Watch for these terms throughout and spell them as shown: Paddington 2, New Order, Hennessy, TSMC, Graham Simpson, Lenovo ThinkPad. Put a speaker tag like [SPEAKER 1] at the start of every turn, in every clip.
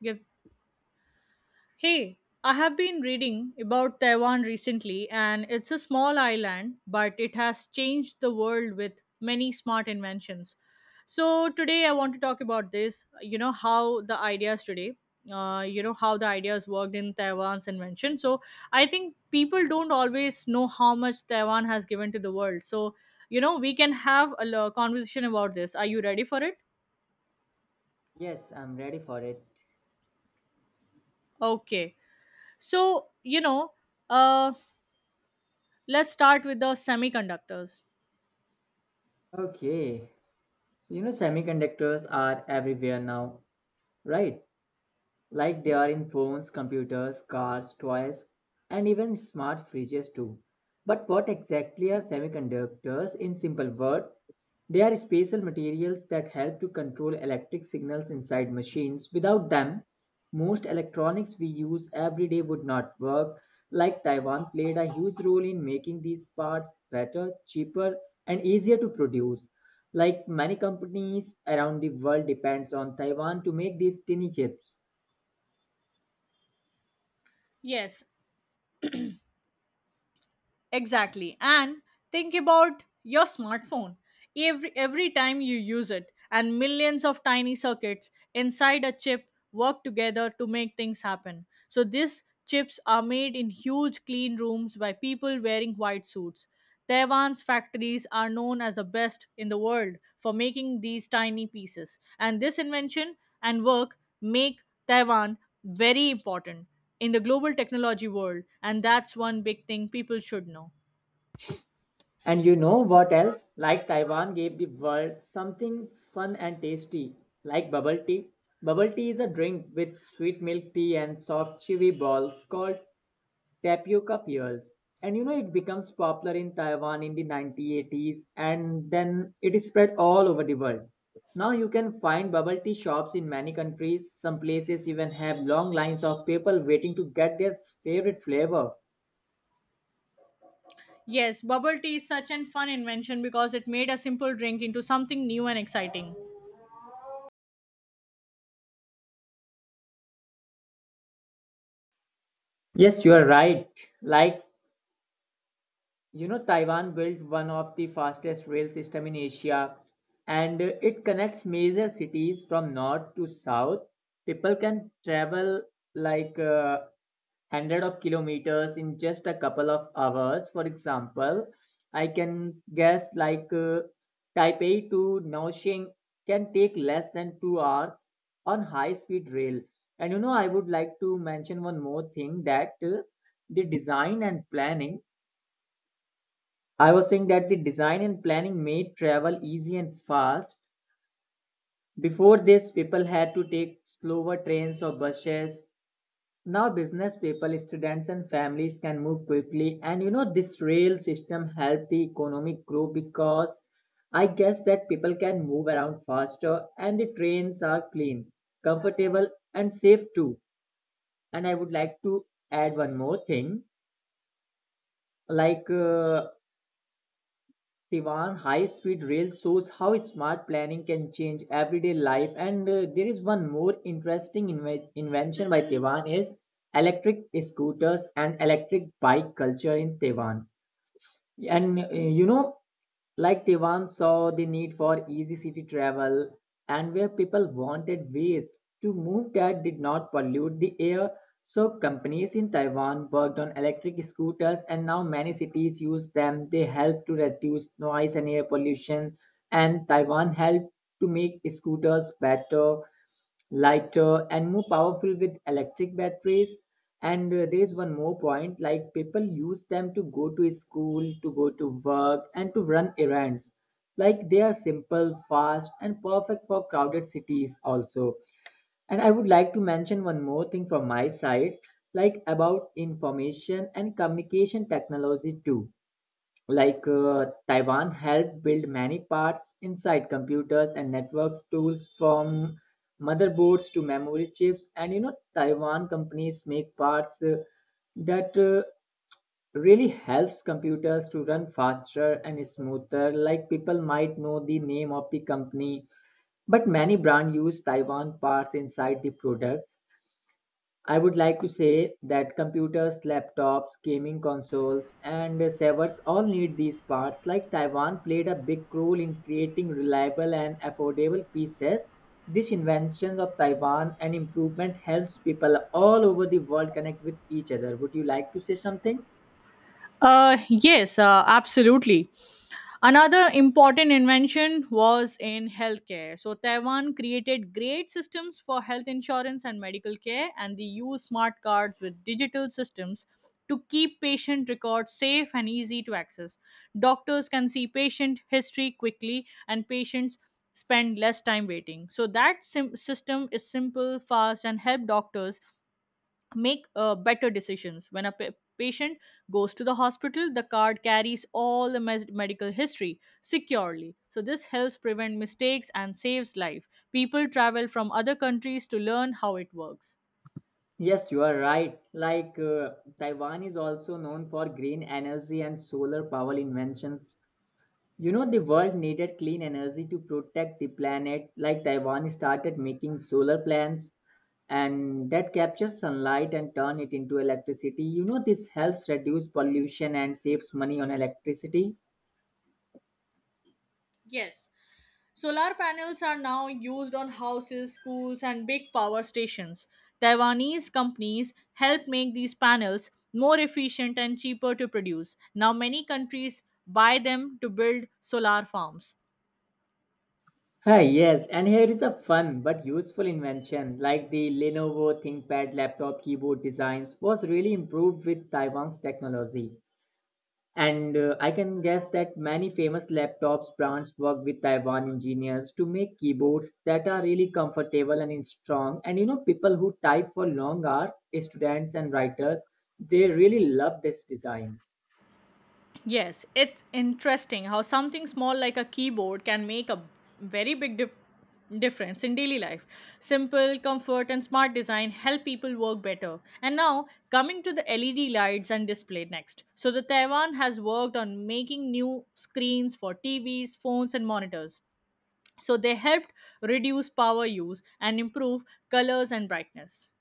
[SPEAKER 1] Yep. Hey, I have been reading about Taiwan recently, and it's a small island, but it has changed the world with many smart inventions. So today I want to talk about how the ideas today. You know how the ideas worked in Taiwan's invention. So I think people don't always know how much Taiwan has given to the world. So we can have a conversation about this. Are you ready for it?
[SPEAKER 2] Yes, I'm ready for it.
[SPEAKER 1] Okay. So you know, uh, Let's start with the semiconductors.
[SPEAKER 2] Okay. So, semiconductors are everywhere now, right? Like they are in phones, computers, cars, toys, and even smart fridges too. But what exactly are semiconductors in simple words? They are special materials that help to control electric signals inside machines. Without them, most electronics we use every day would not work. Like Taiwan played a huge role in making these parts better, cheaper, and easier to produce. Like many companies around the world depends on Taiwan to make these tiny chips.
[SPEAKER 1] Yes, exactly. And think about your smartphone. Every time you use it, and millions of tiny circuits inside a chip work together to make things happen. So these chips are made in huge clean rooms by people wearing white suits. Taiwan's factories are known as the best in the world for making these tiny pieces, and this invention and work make Taiwan very important in the global technology world, and that's one big thing people should know.
[SPEAKER 2] And you know what else? Like Taiwan gave the world something fun and tasty, like bubble tea. Bubble tea is a drink with sweet milk tea and soft chewy balls called tapioca pearls. And it becomes popular in Taiwan in the 1980s and then it is spread all over the world. Now you can find bubble tea shops in many countries. Some places even have long lines of people waiting to get their favorite flavor.
[SPEAKER 1] Yes, bubble tea is such an fun invention because it made a simple drink into something new and exciting.
[SPEAKER 2] Yes, you are right. Like Taiwan built one of the fastest rail system in Asia and it connects major cities from north to south. People can travel like hundred of kilometers in just a couple of hours. For example, I can guess like Taipei to Naoshing can take less than 2 hours on high-speed rail. And I would like to mention one more thing that the design and planning I was saying that the design and planning made travel easy and fast. Before this, people had to take slower trains or buses. Now, business people, students, and families can move quickly. And this rail system helped the economic grow because I guess that people can move around faster and the trains are clean, comfortable, and safe too. And I would like to add one more thing like Tivan high speed rail shows how smart planning can change everyday life, and there is one more interesting invention by Taiwan is electric scooters and electric bike culture in Taiwan. And like Taiwan saw the need for easy city travel and where people wanted ways to move that did not pollute the air. So companies in Taiwan worked on electric scooters and now many cities use them. They help to reduce noise and air pollution, and Taiwan helped to make scooters better, lighter, and more powerful with electric batteries. And there is one more point, like people use them to go to school, to go to work, and to run errands. Like they are simple, fast, and perfect for crowded cities also. And I would like to mention one more thing from my side, like about information and communication technology too. Like Taiwan helped build many parts inside computers and networks, tools from motherboards to memory chips. And you know, Taiwan companies make parts that really helps computers to run faster and smoother. Like people might know the name of the company, but many brand use Taiwan parts inside the products. I would like to say that computers, laptops, gaming consoles, and servers all need these parts. Like Taiwan played a big role in creating reliable and affordable pieces. This invention of Taiwan and improvement helps people all over the world connect with each other. Would you like to say something?
[SPEAKER 1] Yes, absolutely. Another important invention was in healthcare. So Taiwan created great systems for health insurance and medical care, and they use smart cards with digital systems to keep patient records safe and easy to access. Doctors can see patient history quickly, and patients spend less time waiting. So that system is simple, fast, and help doctors make better decisions. When a patient goes to the hospital, the card carries all the medical history securely. So this helps prevent mistakes and saves life. People travel from other countries to learn how it works.
[SPEAKER 2] Yes, you are right. Like Taiwan is also known for green energy and solar power inventions. You know, the world needed clean energy to protect the planet, like Taiwan started making solar plants and that captures sunlight and turn it into electricity. You know, this helps reduce pollution and saves money on electricity.
[SPEAKER 1] Yes. Solar panels are now used on houses, schools, and big power stations. Taiwanese companies help make these panels more efficient and cheaper to produce. Now many countries buy them to build solar farms.
[SPEAKER 2] Hi, yes, and here is a fun but useful invention, like the Lenovo ThinkPad laptop keyboard designs was really improved with Taiwan's technology. And I can guess that many famous laptops brands work with Taiwan engineers to make keyboards that are really comfortable and strong. And you know, people who type for long hours, students and writers, they really love this design.
[SPEAKER 1] Yes, it's interesting how something small like a keyboard can make a very big difference in daily life. Simple, comfort, and smart design help people work better. And now, coming to the LED lights and display next. So the Taiwan has worked on making new screens for TVs, phones, and monitors. So they helped reduce power use and improve colors and brightness.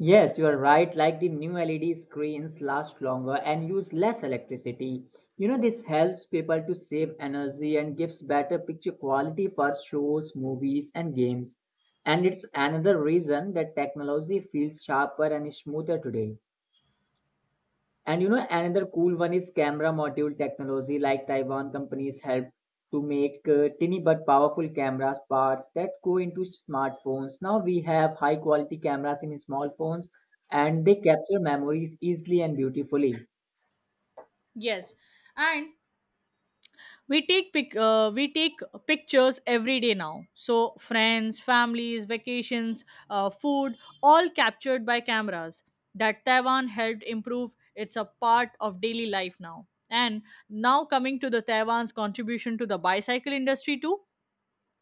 [SPEAKER 2] Yes, you are right. Like the new LED screens last longer and use less electricity. You know, this helps people to save energy and gives better picture quality for shows, movies, and games. And it's another reason that technology feels sharper and smoother today. And you know, another cool one is camera module technology, like Taiwan companies help to make tiny but powerful cameras parts that go into smartphones. Now we have high quality cameras in small phones, and they capture memories easily and beautifully.
[SPEAKER 1] Yes, and we take we take pictures every day now. So friends, families, vacations, food, all captured by cameras that Taiwan helped improve. It's a part of daily life now. And now coming to the Taiwan's contribution to the bicycle industry too.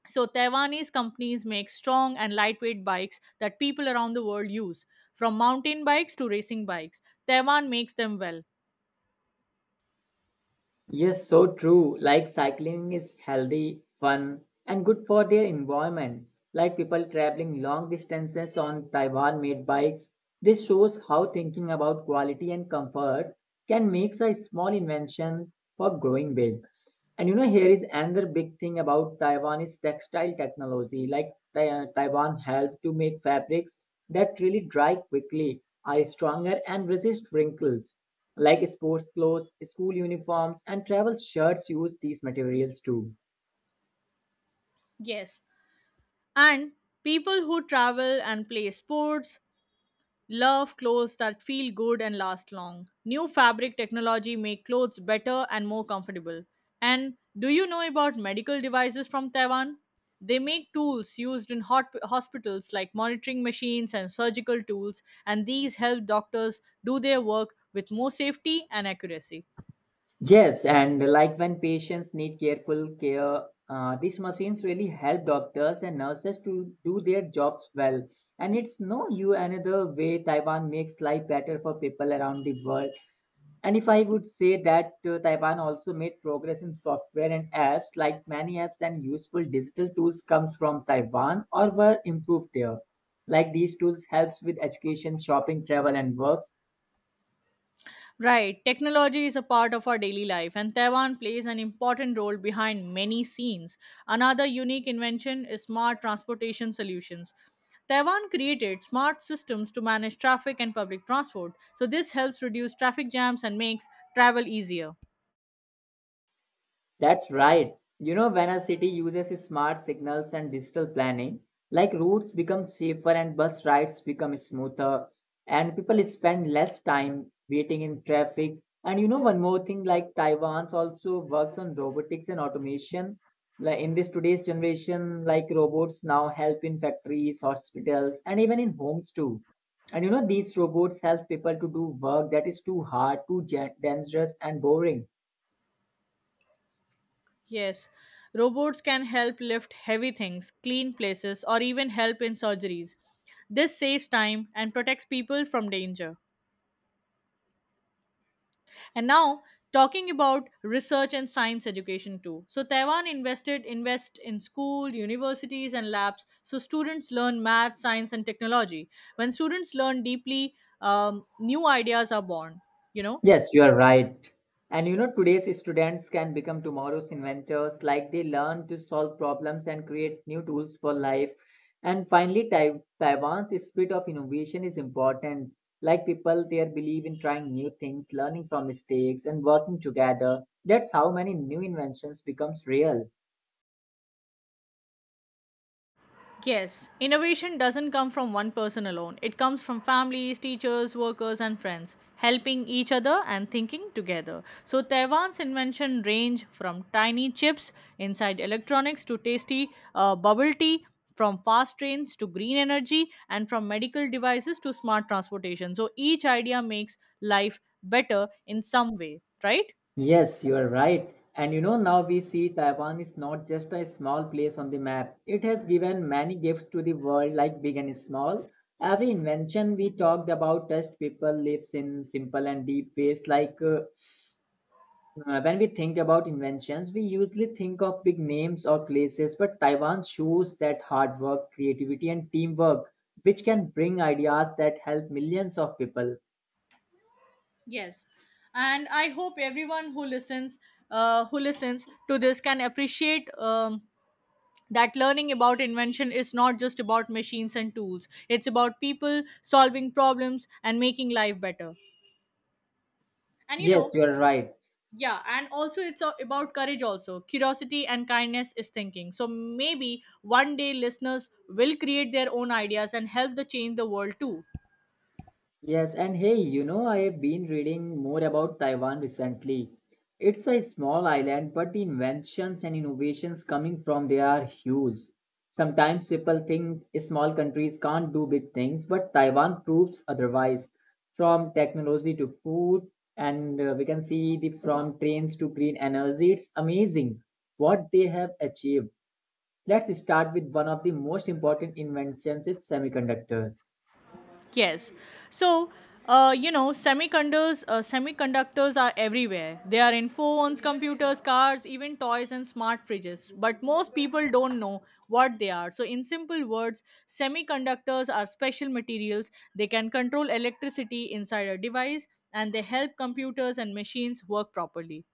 [SPEAKER 1] So Taiwanese companies make strong and lightweight bikes that people around the world use, from mountain bikes to racing bikes. Taiwan makes them well.
[SPEAKER 2] Yes, so true. Like cycling is healthy, fun, and good for their environment. Like people traveling long distances on Taiwan made bikes. This shows how thinking about quality and comfort can make a small invention for growing big. And you know, here is another big thing about Taiwan is textile technology. Like Taiwan helps to make fabrics that really dry quickly, are stronger, and resist wrinkles. Like sports clothes, school uniforms, and travel shirts use these materials too.
[SPEAKER 1] Yes, and people who travel and play sports love clothes that feel good and last long. New fabric technology make clothes better and more comfortable. And do you know about medical devices from Taiwan? They make tools used in hot hospitals like monitoring machines and surgical tools, and these help doctors do their work with more safety and accuracy.
[SPEAKER 2] Yes, and like when patients need careful care, these machines really help doctors and nurses to do their jobs well. And it's no you another way Taiwan makes life better for people around the world. And if I would say that Taiwan also made progress in software and apps, like many apps and useful digital tools comes from Taiwan or were improved there. Like these tools helps with education, shopping, travel and work.
[SPEAKER 1] Right, technology is a part of our daily life, and Taiwan plays an important role behind many scenes. Another unique invention is smart transportation solutions. Taiwan created smart systems to manage traffic and public transport, so this helps reduce traffic jams and makes travel easier.
[SPEAKER 2] That's right. You know, when a city uses smart signals and digital planning, like routes become safer and bus rides become smoother, and people spend less time waiting in traffic. And you know, one more thing, like Taiwan's also works on robotics and automation. Like in this today's generation, like robots now help in factories, hospitals, and even in homes too. And you know, these robots help people to do work that is too hard, too dangerous, and boring.
[SPEAKER 1] Yes, robots can help lift heavy things, clean places, or even help in surgeries. This saves time and protects people from danger. And now talking about research and science education too. So Taiwan invest in school, universities and labs so students learn math, science and technology. When students learn deeply, new ideas are born, you know.
[SPEAKER 2] Yes, you are right. And you know, today's students can become tomorrow's inventors, like they learn to solve problems and create new tools for life. And finally, Taiwan's spirit of innovation is important. Like people there believe in trying new things, learning from mistakes, and working together. That's how many new inventions becomes real.
[SPEAKER 1] Yes, innovation doesn't come from one person alone. It comes from families, teachers, workers, and friends, helping each other and thinking together. So Taiwan's invention range from tiny chips inside electronics to tasty bubble tea, from fast trains to green energy, and from medical devices to smart transportation. So each idea makes life better in some way, right?
[SPEAKER 2] Yes, you are right. And you know, now we see Taiwan is not just a small place on the map. It has given many gifts to the world, like big and small. Every invention we talked about touched people lives in simple and deep ways. Like when we think about inventions, we usually think of big names or places, but Taiwan shows that hard work, creativity, and teamwork, which can bring ideas that help millions of people.
[SPEAKER 1] Yes. And I hope everyone who who listens to this can appreciate that learning about invention is not just about machines and tools. It's about people solving problems and making life better and you
[SPEAKER 2] Yes,
[SPEAKER 1] know
[SPEAKER 2] you are right.
[SPEAKER 1] Yeah, and also it's about courage, also curiosity and kindness is thinking. So maybe one day listeners will create their own ideas and help the change the world too.
[SPEAKER 2] Yes, and hey, you know, I have been reading more about Taiwan recently. It's a small island, but the inventions and innovations coming from there are huge. Sometimes people think small countries can't do big things, but Taiwan proves otherwise. From technology to food, and we can see the from trains to green energy, it's amazing what they have achieved. Let's start with one of the most important inventions is semiconductors.
[SPEAKER 1] Yes. So, you know, semiconductors are everywhere. They are in phones, computers, cars, even toys and smart fridges. But most people don't know what they are. So in simple words, semiconductors are special materials. They can control electricity inside a device and they help computers and machines work properly.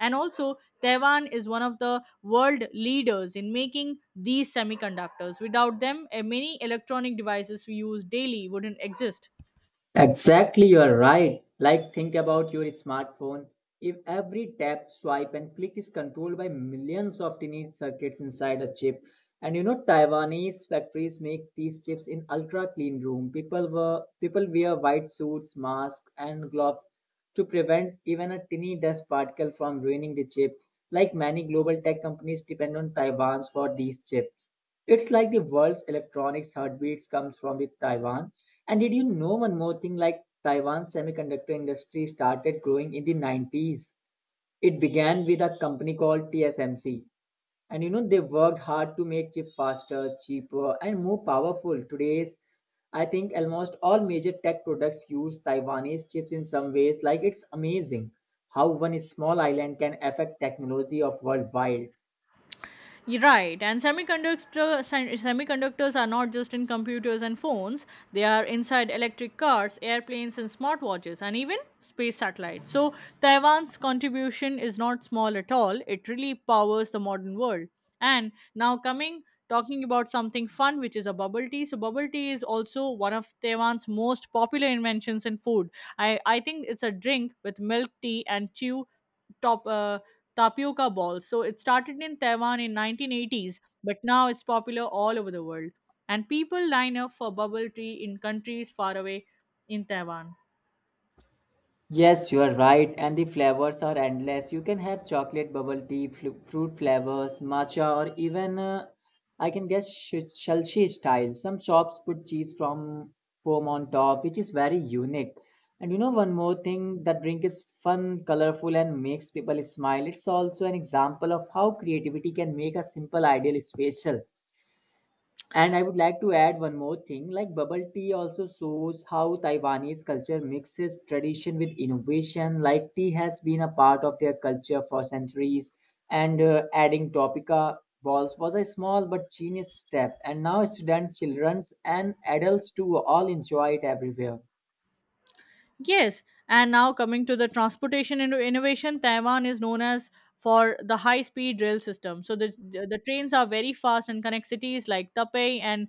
[SPEAKER 1] And also, Taiwan is one of the world leaders in making these semiconductors. Without them, many electronic devices we use daily wouldn't exist.
[SPEAKER 2] Exactly, you're right. Like, think about your smartphone. If every tap, swipe, and click is controlled by millions of tiny circuits inside a chip, and you know, Taiwanese factories make these chips in ultra clean room. People wear white suits, masks, and gloves to prevent even a tiny dust particle from ruining the chip. Like many global tech companies depend on Taiwan's for these chips. It's like the world's electronics heartbeats comes from the Taiwan. And did you know one more thing? Like Taiwan's semiconductor industry started growing in the 90s. It began with a company called TSMC. And you know, they worked hard to make chip faster, cheaper, and more powerful. Today's, I think almost all major tech products use Taiwanese chips in some ways. Like it's amazing how one small island can affect technology of worldwide.
[SPEAKER 1] Right, and semiconductors are not just in computers and phones, they are inside electric cars, airplanes, and smartwatches, and even space satellites. So Taiwan's contribution is not small at all, it really powers the modern world. And now, coming talking about something fun, which is a bubble tea. So bubble tea is also one of Taiwan's most popular inventions in food. I think it's a drink with milk tea and chew top. Tapioca balls. So it started in Taiwan in 1980s, but now it's popular all over the world. And people line up for bubble tea in countries far away in Taiwan.
[SPEAKER 2] Yes, you are right, and the flavors are endless. You can have chocolate bubble tea, flu fruit flavors, matcha, or even I can guess Shelshi style. Some shops put cheese from foam on top, which is very unique. And you know, one more thing that drink is fun, colorful, and makes people smile. It's also an example of how creativity can make a simple ideal special. And I would like to add one more thing like bubble tea also shows how Taiwanese culture mixes tradition with innovation. Like tea has been a part of their culture for centuries, and adding Topica balls was a small but genius step. And now students, children, and adults too all enjoy it everywhere.
[SPEAKER 1] Yes, and now coming to the transportation innovation, Taiwan is known as for the high-speed rail system. So the trains are very fast and connect cities like Taipei and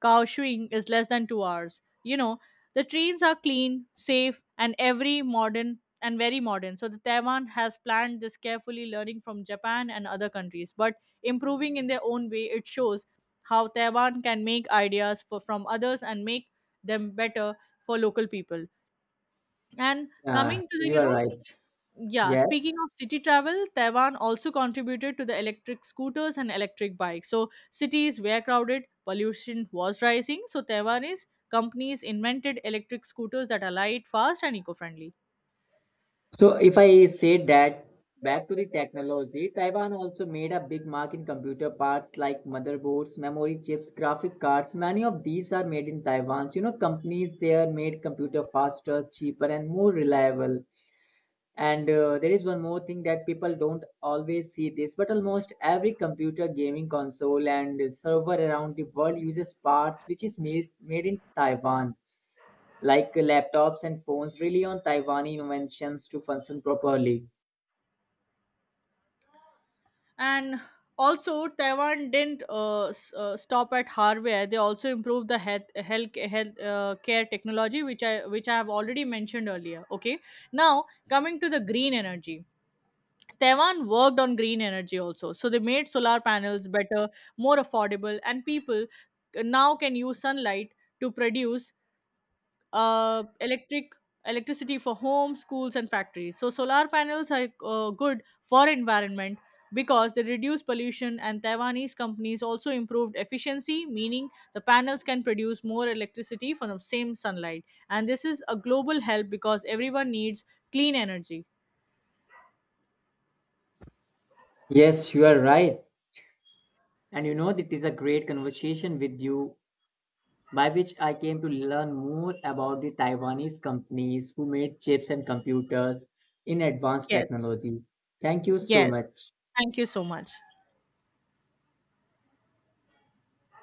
[SPEAKER 1] Kaohsiung is less than 2 hours. You know, the trains are clean, safe, and every modern and very modern. So the Taiwan has planned this carefully, learning from Japan and other countries, but improving in their own way. It shows how Taiwan can make ideas from others and make them better for local people. And
[SPEAKER 2] Yeah,
[SPEAKER 1] coming to the,
[SPEAKER 2] you are right.
[SPEAKER 1] yeah,
[SPEAKER 2] Yes.
[SPEAKER 1] speaking of city travel, Taiwan also contributed to the electric scooters and electric bikes. So cities were crowded, pollution was rising. So Taiwanese companies invented electric scooters that are light, fast, and eco-friendly.
[SPEAKER 2] So if I say that back to the technology, Taiwan also made a big mark in computer parts like motherboards, memory chips, graphic cards. Many of these are made in Taiwan. So, you know, companies there made computer faster, cheaper, and more reliable. And there is one more thing that people don't always see this, but almost every computer gaming console and server around the world uses parts which is made in Taiwan. Like laptops and phones rely on Taiwan inventions to function properly.
[SPEAKER 1] And also, Taiwan didn't stop at hardware. They also improved the health health, health care technology, which I have already mentioned earlier. Okay, now coming to the green energy. Taiwan worked on green energy also. So they made solar panels better, more affordable, and people now can use sunlight to produce uh, electric electricity for homes, schools, and factories. So solar panels are good for environment because they reduce pollution and Taiwanese companies also improved efficiency, meaning the panels can produce more electricity from the same sunlight. And this is a global help because everyone needs clean energy.
[SPEAKER 2] Yes, you are right. And you know, it is a great conversation with you, by which I came to learn more about the Taiwanese companies who made chips and computers in advanced
[SPEAKER 1] Yes.
[SPEAKER 2] technology. Thank you so
[SPEAKER 1] Yes.
[SPEAKER 2] much.
[SPEAKER 1] Thank you so much.